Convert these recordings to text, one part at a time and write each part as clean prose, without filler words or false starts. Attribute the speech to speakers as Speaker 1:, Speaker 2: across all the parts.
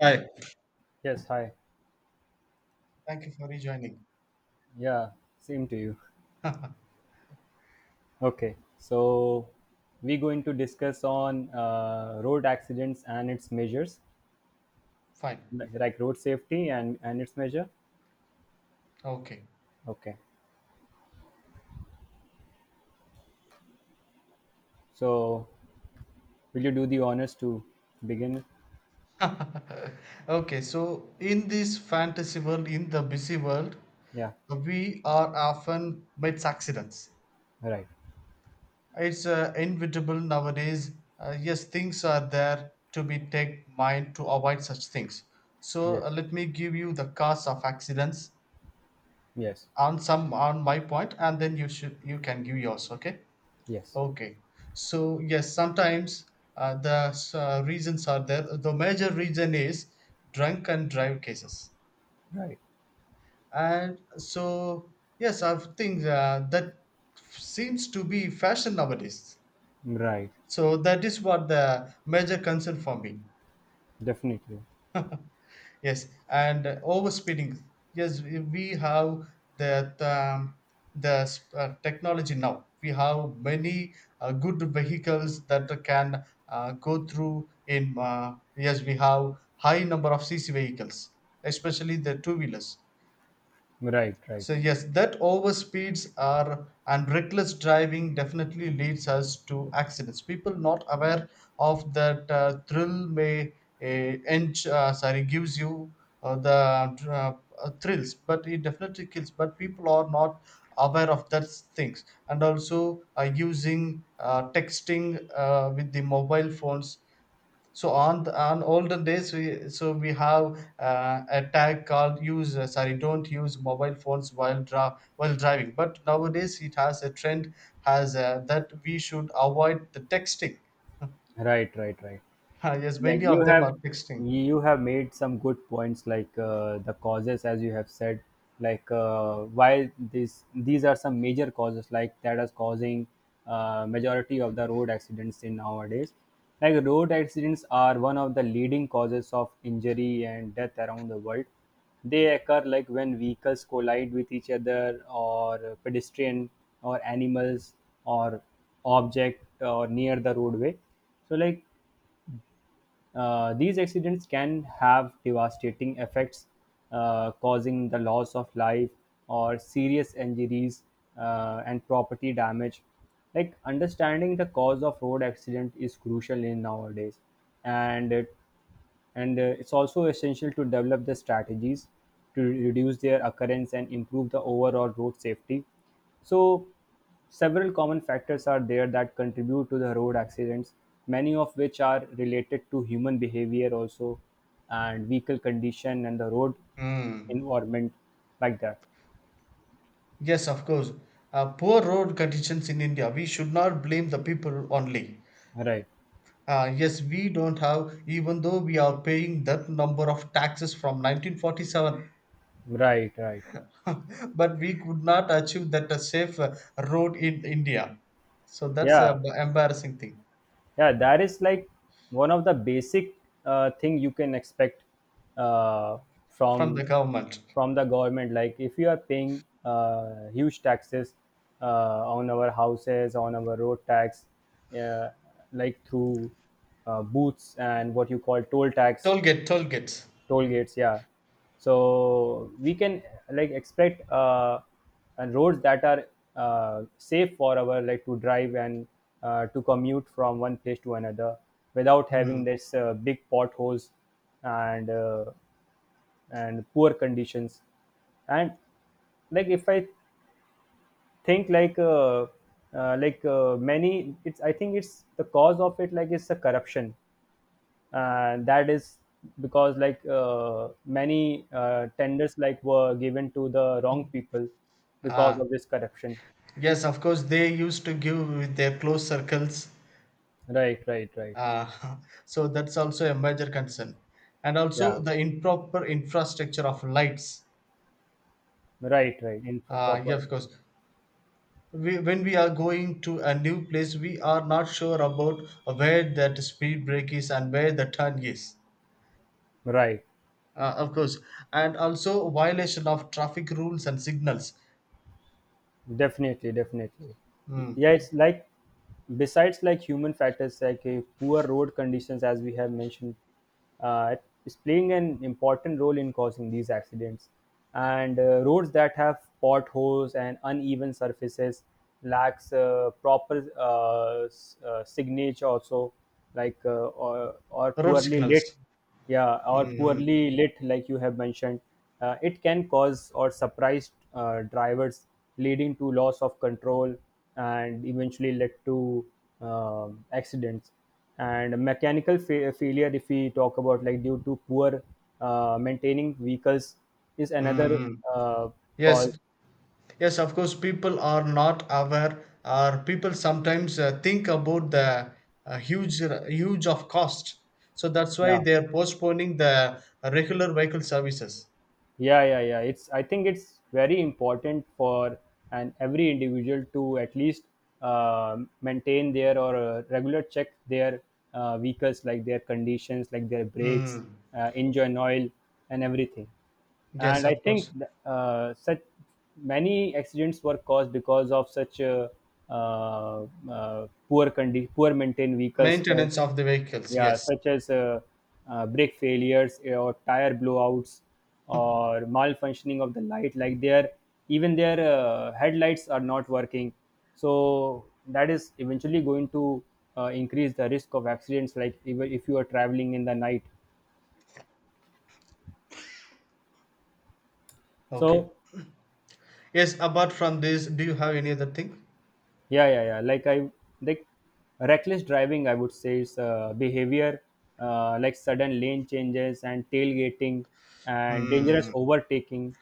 Speaker 1: Hi.
Speaker 2: Yes, hi.
Speaker 1: Thank you for rejoining.
Speaker 2: Yeah, same to you. Okay, so we're going to discuss on road accidents and its measures,
Speaker 1: Fine.
Speaker 2: like road safety and its measure.
Speaker 1: Okay.
Speaker 2: Okay, so will you do the honors to begin? With?
Speaker 1: Okay, so in this fantasy world, in the busy world,
Speaker 2: Yeah,
Speaker 1: we are often mates accidents.
Speaker 2: right.
Speaker 1: It's inevitable nowadays. Yes, things are there to be take mind to avoid such things. So
Speaker 2: Yes,
Speaker 1: let me give you the cause of accidents
Speaker 2: yes,
Speaker 1: on my point, and then you can give yours. Okay.
Speaker 2: yes.
Speaker 1: Okay. So yes, sometimes the reasons are there. The major reason is drunk and drive cases,
Speaker 2: Right,
Speaker 1: and so yes, I think that seems to be fashion nowadays.
Speaker 2: right.
Speaker 1: So that is what the major concern for me.
Speaker 2: Definitely.
Speaker 1: Yes, and overspeeding. Yes, we have that the technology now. We have many good vehicles that can go through in. Yes, we have high number of CC vehicles, especially the two wheelers.
Speaker 2: Right, right,
Speaker 1: So yes, that overspeeds are and reckless driving definitely leads us to accidents. People not aware of that thrill may ench, sorry gives you the thrills, but it definitely kills. But people are not aware of that things and also using texting with the mobile phones so on older days, we have a tag called use sorry don't use mobile phones while driving. But nowadays it has a trend has that we should avoid the texting.
Speaker 2: right, right, right.
Speaker 1: Yes,
Speaker 2: Yeah,
Speaker 1: many
Speaker 2: you
Speaker 1: of them
Speaker 2: have
Speaker 1: are texting.
Speaker 2: you have made some good points like the causes as you have said, like why this these are some major causes, like that is causing majority of the road accidents in nowadays. Like road accidents are one of the leading causes of injury and death around the world. They occur like when vehicles collide with each other or pedestrian or animals or object or near the roadway. So like, these accidents can have devastating effects, causing the loss of life or serious injuries, and property damage. Like understanding the cause of road accident is crucial in nowadays, and it and it's also essential to develop the strategies to reduce their occurrence and improve the overall road safety. So several common factors are there that contribute to the road accidents, many of which are related to human behavior also, and vehicle condition and the road
Speaker 1: Hmm.
Speaker 2: environment, like that.
Speaker 1: Yes, of course. Poor road conditions in India. We should not blame the people only.
Speaker 2: Right,
Speaker 1: Yes, we don't have, even though we are paying that number of taxes from 1947,
Speaker 2: right, right.
Speaker 1: but we could not achieve that a safe road in India. So that's a
Speaker 2: Yeah,
Speaker 1: embarrassing thing
Speaker 2: yeah, that is like one of the basic thing you can expect uh,
Speaker 1: from the
Speaker 2: from
Speaker 1: government.
Speaker 2: from the government. Like if you are paying huge taxes on our houses, on our road tax, uh, like through booths and what you call toll tax,
Speaker 1: Toll gate, toll gates.
Speaker 2: toll gates, yeah. So we can like expect, and roads that are safe for our, like, to drive and to commute from one place to another without having
Speaker 1: Mm.
Speaker 2: this big potholes and uh, and poor conditions. And like if I think like many it's I think it's the cause of it, like it's the corruption. And that is because like, many tenders like were given to the wrong people because
Speaker 1: Ah,
Speaker 2: of this corruption.
Speaker 1: yes, of course, they used to give with their closed circles.
Speaker 2: Right, right, right.
Speaker 1: Ah, so that's also a major concern. And also
Speaker 2: Yeah,
Speaker 1: the improper infrastructure of lights.
Speaker 2: right, right. In
Speaker 1: Ah,
Speaker 2: proper,
Speaker 1: yes, of course. We, when we are going to a new place, we are not sure about where that speed break is and where the turn is.
Speaker 2: right.
Speaker 1: Of course, and also violation of traffic rules and signals,
Speaker 2: Definitely, definitely.
Speaker 1: mm.
Speaker 2: Yeah, it's like, besides like human factors, like poor road conditions, as we have mentioned, uh, is playing an important role in causing these accidents. And roads that have potholes and uneven surfaces lacks proper signage also, like or
Speaker 1: Road
Speaker 2: poorly
Speaker 1: signals.
Speaker 2: lit. Yeah, or
Speaker 1: Mm-hmm.
Speaker 2: poorly lit like you have mentioned, it can cause or surprise drivers, leading to loss of control and eventually led to accidents. And mechanical failure, if we talk about, like, due to poor maintaining vehicles is another
Speaker 1: Mm-hmm.
Speaker 2: uh, cause.
Speaker 1: Yes, yes, of course, people are not aware, or people sometimes think about the uh, huge, huge of cost. So that's why
Speaker 2: Yeah,
Speaker 1: they are postponing the regular vehicle services.
Speaker 2: yeah, yeah. Yeah, it's, I think it's very important for an every individual to at least maintain their or regular check their vehicles, like their conditions, like their brakes,
Speaker 1: Mm.
Speaker 2: engine oil, and everything.
Speaker 1: Yes,
Speaker 2: And I
Speaker 1: of
Speaker 2: think
Speaker 1: course,
Speaker 2: such many accidents were caused because of such poor maintained vehicles,
Speaker 1: maintenance of the vehicles.
Speaker 2: yeah,
Speaker 1: Yes,
Speaker 2: such as brake failures or tire blowouts or malfunctioning of the light, like their, even their headlights are not working. So that is eventually going to increase the risk of accidents, like even if you are traveling in the night.
Speaker 1: okay.
Speaker 2: So
Speaker 1: Yes, apart from this, do you have any other thing?
Speaker 2: yeah, yeah, yeah. Like, reckless driving, I would say, is behavior, like sudden lane changes and tailgating and dangerous
Speaker 1: Mm.
Speaker 2: overtaking,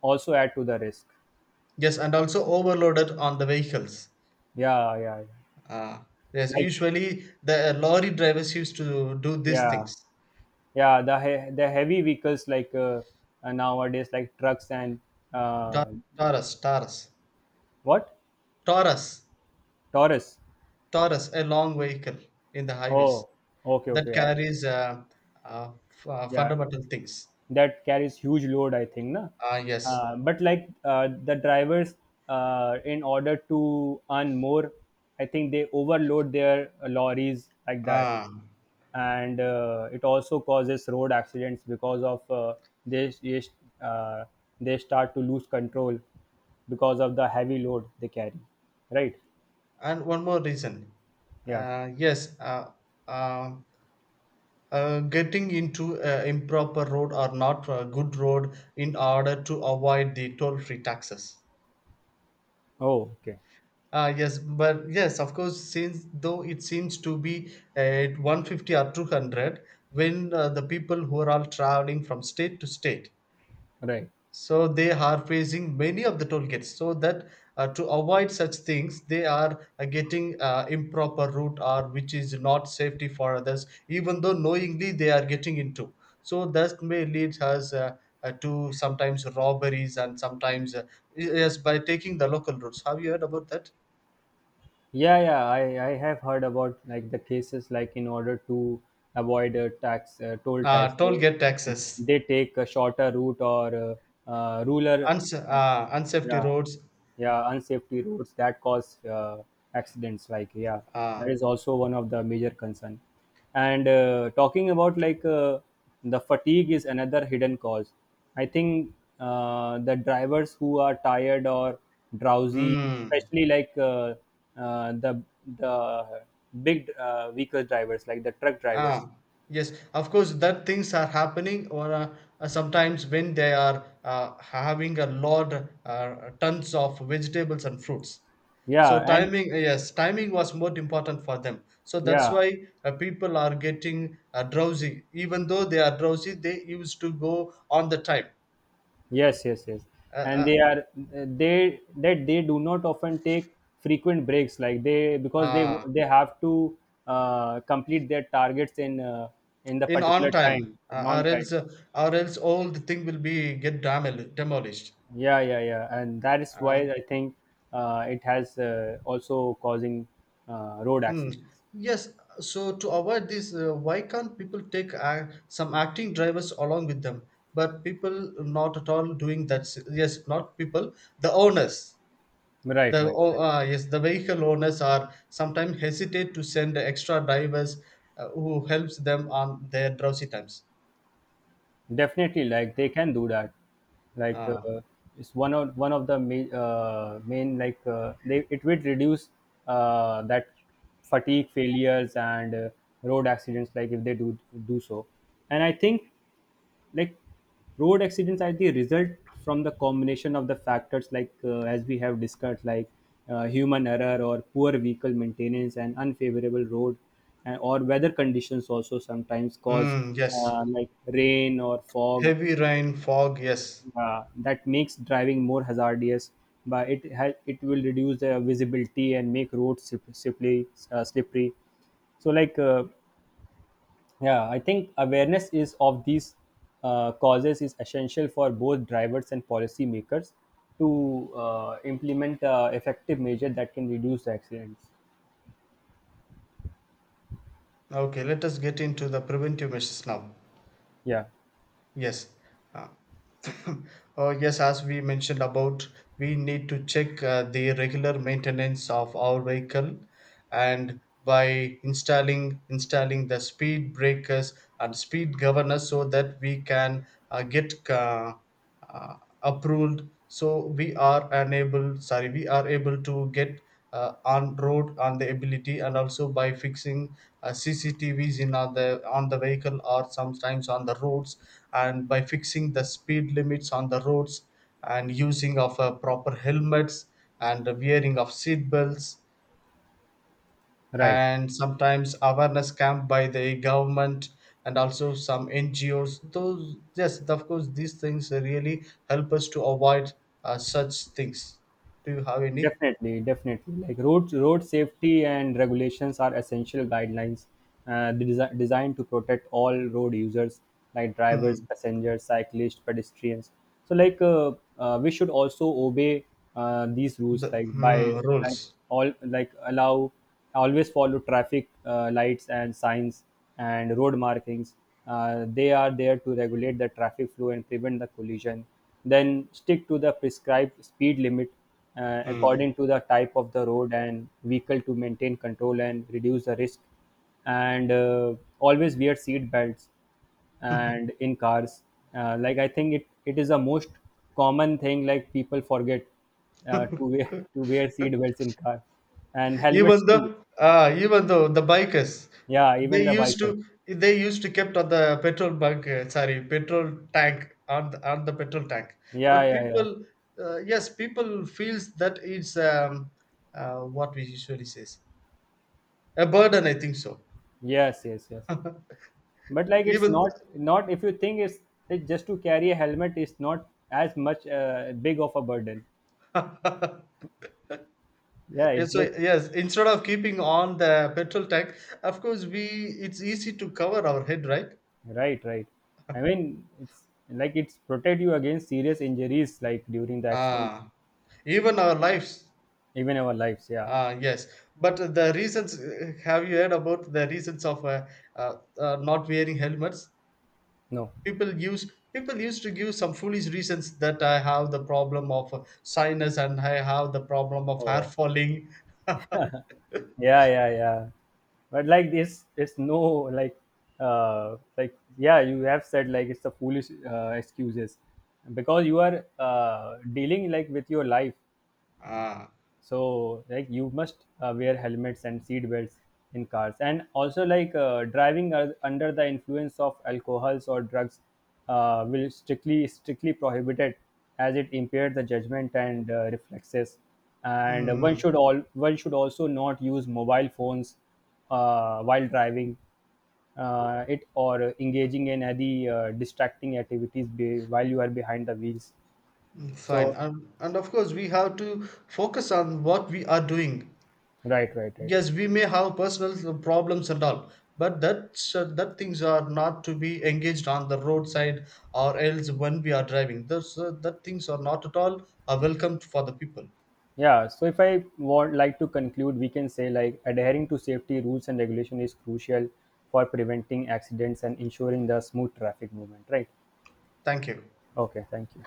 Speaker 2: also add to the risk.
Speaker 1: Yes, and also overloaded on the vehicles.
Speaker 2: Yeah, yeah, yeah.
Speaker 1: Uh, yes,
Speaker 2: Like
Speaker 1: usually the lorry drivers used to do these
Speaker 2: yeah,
Speaker 1: things.
Speaker 2: yeah, the heavy vehicles, like nowadays, like trucks and
Speaker 1: Ta-
Speaker 2: uh,
Speaker 1: Taurus, Taurus,
Speaker 2: what,
Speaker 1: Taurus,
Speaker 2: taurus.
Speaker 1: Taurus, a long vehicle in the highways
Speaker 2: Oh, okay,
Speaker 1: that
Speaker 2: okay, yeah,
Speaker 1: carries
Speaker 2: yeah.
Speaker 1: fundamental things.
Speaker 2: That carries huge load, I think na.
Speaker 1: Ah, yes.
Speaker 2: But like the drivers, in order to earn more, I think they overload their lorries like that.
Speaker 1: Um,
Speaker 2: And it also causes road accidents because of they they, uh, they start to lose control because of the heavy load they carry, right?
Speaker 1: and one more reason.
Speaker 2: Yeah,
Speaker 1: Uh, yes, uh, uh, uh, getting into improper road or not good road in order to avoid the toll-free taxes.
Speaker 2: oh okay,
Speaker 1: Yes, but yes, of course, since though it seems to be at 150 or 200 when the people who are all traveling from state to state,
Speaker 2: right.
Speaker 1: so they are facing many of the toll gates. So that to avoid such things, they are getting improper route or which is not safety for others, even though knowingly they are getting into. So that may lead us to sometimes robberies and sometimes yes by taking the local routes. Have you heard about that?
Speaker 2: Yeah, yeah, I have heard about like the cases, like in order to avoid a tax toll tax,
Speaker 1: Toll
Speaker 2: they
Speaker 1: gate taxes,
Speaker 2: they take a shorter route or ruler uh,
Speaker 1: unsafety
Speaker 2: yeah,
Speaker 1: roads.
Speaker 2: yeah, unsafety roads that cause accidents, like, yeah. That
Speaker 1: Uh,
Speaker 2: is also one of the major concern. And talking about like the fatigue is another hidden cause, I think. The drivers who are tired or drowsy,
Speaker 1: mm,
Speaker 2: especially like uh, the the big vehicle drivers, like the truck
Speaker 1: uh,
Speaker 2: drivers.
Speaker 1: yes, of course, that things are happening, or sometimes when they are having a lot, tons of vegetables and fruits.
Speaker 2: Yeah,
Speaker 1: So
Speaker 2: and
Speaker 1: timing, yes, timing was more important for them. So that's
Speaker 2: yeah.
Speaker 1: why people are getting drowsy. Even though they are drowsy, they used to go on the time.
Speaker 2: Yes, yes, yes. And
Speaker 1: Uh,
Speaker 2: they are they that they do not often take frequent breaks, like they,
Speaker 1: uh,
Speaker 2: because they
Speaker 1: uh,
Speaker 2: they have to complete their targets in the
Speaker 1: in on
Speaker 2: particular time,
Speaker 1: time
Speaker 2: in on time.
Speaker 1: or else all the thing will be get damaged demolished
Speaker 2: Yeah, yeah, yeah. And that is
Speaker 1: uh,
Speaker 2: why I think it has also causing road
Speaker 1: hmm.
Speaker 2: accidents.
Speaker 1: Yes, so to avoid this why can't people take some acting drivers along with them but people not at all doing that yes not people the owners
Speaker 2: Right,
Speaker 1: the
Speaker 2: right, right.
Speaker 1: yes the vehicle owners are sometimes hesitate to send extra drivers who helps them on their drowsy times
Speaker 2: Definitely, like they can do that. Like
Speaker 1: uh,
Speaker 2: it's one of the main, main, like they, it will reduce that fatigue failures and road accidents, like if they do so. And I think like road accidents are the result from the combination of the factors, like as we have discussed, like human error or poor vehicle maintenance and unfavorable road and, or weather conditions, also sometimes cause
Speaker 1: mm, yes
Speaker 2: like rain or fog
Speaker 1: heavy rain fog yes.
Speaker 2: that makes driving more hazardous, but it will reduce the visibility and make roads slippery, slippery. So like yeah, I think awareness is of these causes is essential for both drivers and policymakers to implement effective measure that can reduce the accidents.
Speaker 1: Okay, let us get into the preventive measures now.
Speaker 2: Yeah,
Speaker 1: Yes. Uh, oh, yes, as we mentioned about, we need to check the regular maintenance of our vehicle and by installing the speed breakers and speed governors so that we can get uh, approved so we are unable sorry we are able to get on road on the ability and also by fixing cctvs in on the vehicle or sometimes on the roads and by fixing the speed limits on the roads and using of proper helmets and the wearing of seat belts
Speaker 2: right.
Speaker 1: and sometimes awareness camp by the government and also some NGOs. Those, yes, of course, these things really help us to avoid such things. Do you have any?
Speaker 2: Definitely, definitely. Like road safety and regulations are essential guidelines designed to protect all road users, like
Speaker 1: Hmm.
Speaker 2: drivers, passengers, cyclists, pedestrians. So like we should also obey these rules,
Speaker 1: The
Speaker 2: like by,
Speaker 1: hmm,
Speaker 2: like
Speaker 1: rules.
Speaker 2: all like allow always follow traffic lights and signs and road markings. They are there to regulate the traffic flow and prevent the collision. Then stick to the prescribed speed limit
Speaker 1: Hmm.
Speaker 2: according to the type of the road and vehicle to maintain control and reduce the risk. And always wear seat belts and in cars, like I think it is the most common thing, like people forget to wear to wear seat belts in car and helmets
Speaker 1: Even
Speaker 2: too.
Speaker 1: though even though the bikers
Speaker 2: Yeah, even
Speaker 1: they
Speaker 2: the
Speaker 1: used
Speaker 2: biker,
Speaker 1: to they used to kept on the petrol bunk sorry petrol tank on the petrol tank
Speaker 2: yeah,
Speaker 1: but
Speaker 2: yeah, yeah.
Speaker 1: people yes people feels that it's what we usually says a burden I think so
Speaker 2: Yes, yes, yes. But like it's
Speaker 1: even
Speaker 2: not, if you think it's just to carry a helmet is not as much big of a burden. Yeah,
Speaker 1: And
Speaker 2: it's
Speaker 1: so
Speaker 2: like
Speaker 1: yes instead of keeping on the petrol tank of course we it's easy to cover our head right.
Speaker 2: right, right, I mean it's like, it's protect you against serious injuries, like during the accidents.
Speaker 1: Ah, even our lives.
Speaker 2: Even our lives, yeah.
Speaker 1: Ah, yes, but the reasons have you heard about the reasons of not wearing helmets?
Speaker 2: No.
Speaker 1: People used to give some foolish reasons that I have the problem of sinus and I have the problem of hair
Speaker 2: Oh,
Speaker 1: falling.
Speaker 2: yeah, yeah, yeah. But like this, it's no, like yeah, you have said, like it's the foolish excuses, because you are dealing like with your life.
Speaker 1: Ah,
Speaker 2: So like you must wear helmets and seat belts in cars. And also, like driving under the influence of alcohols or drugs will strictly prohibited, as it impairs the judgment and reflexes. And
Speaker 1: hmm,
Speaker 2: one should also not use mobile phones while driving, it, or engaging in any distracting activities while you are behind the wheels.
Speaker 1: hmm, fine.
Speaker 2: So
Speaker 1: And of course, we have to focus on what we are doing.
Speaker 2: right, right, right.
Speaker 1: Yes, we may have personal problems and all but that that things are not to be engaged on the roadside or else when we are driving those that things are not at all are welcomed for the people.
Speaker 2: Yeah, so if I want like to conclude, we can say like adhering to safety rules and regulation is crucial for preventing accidents and ensuring the smooth traffic movement, right?
Speaker 1: Thank you.
Speaker 2: Okay, thank you.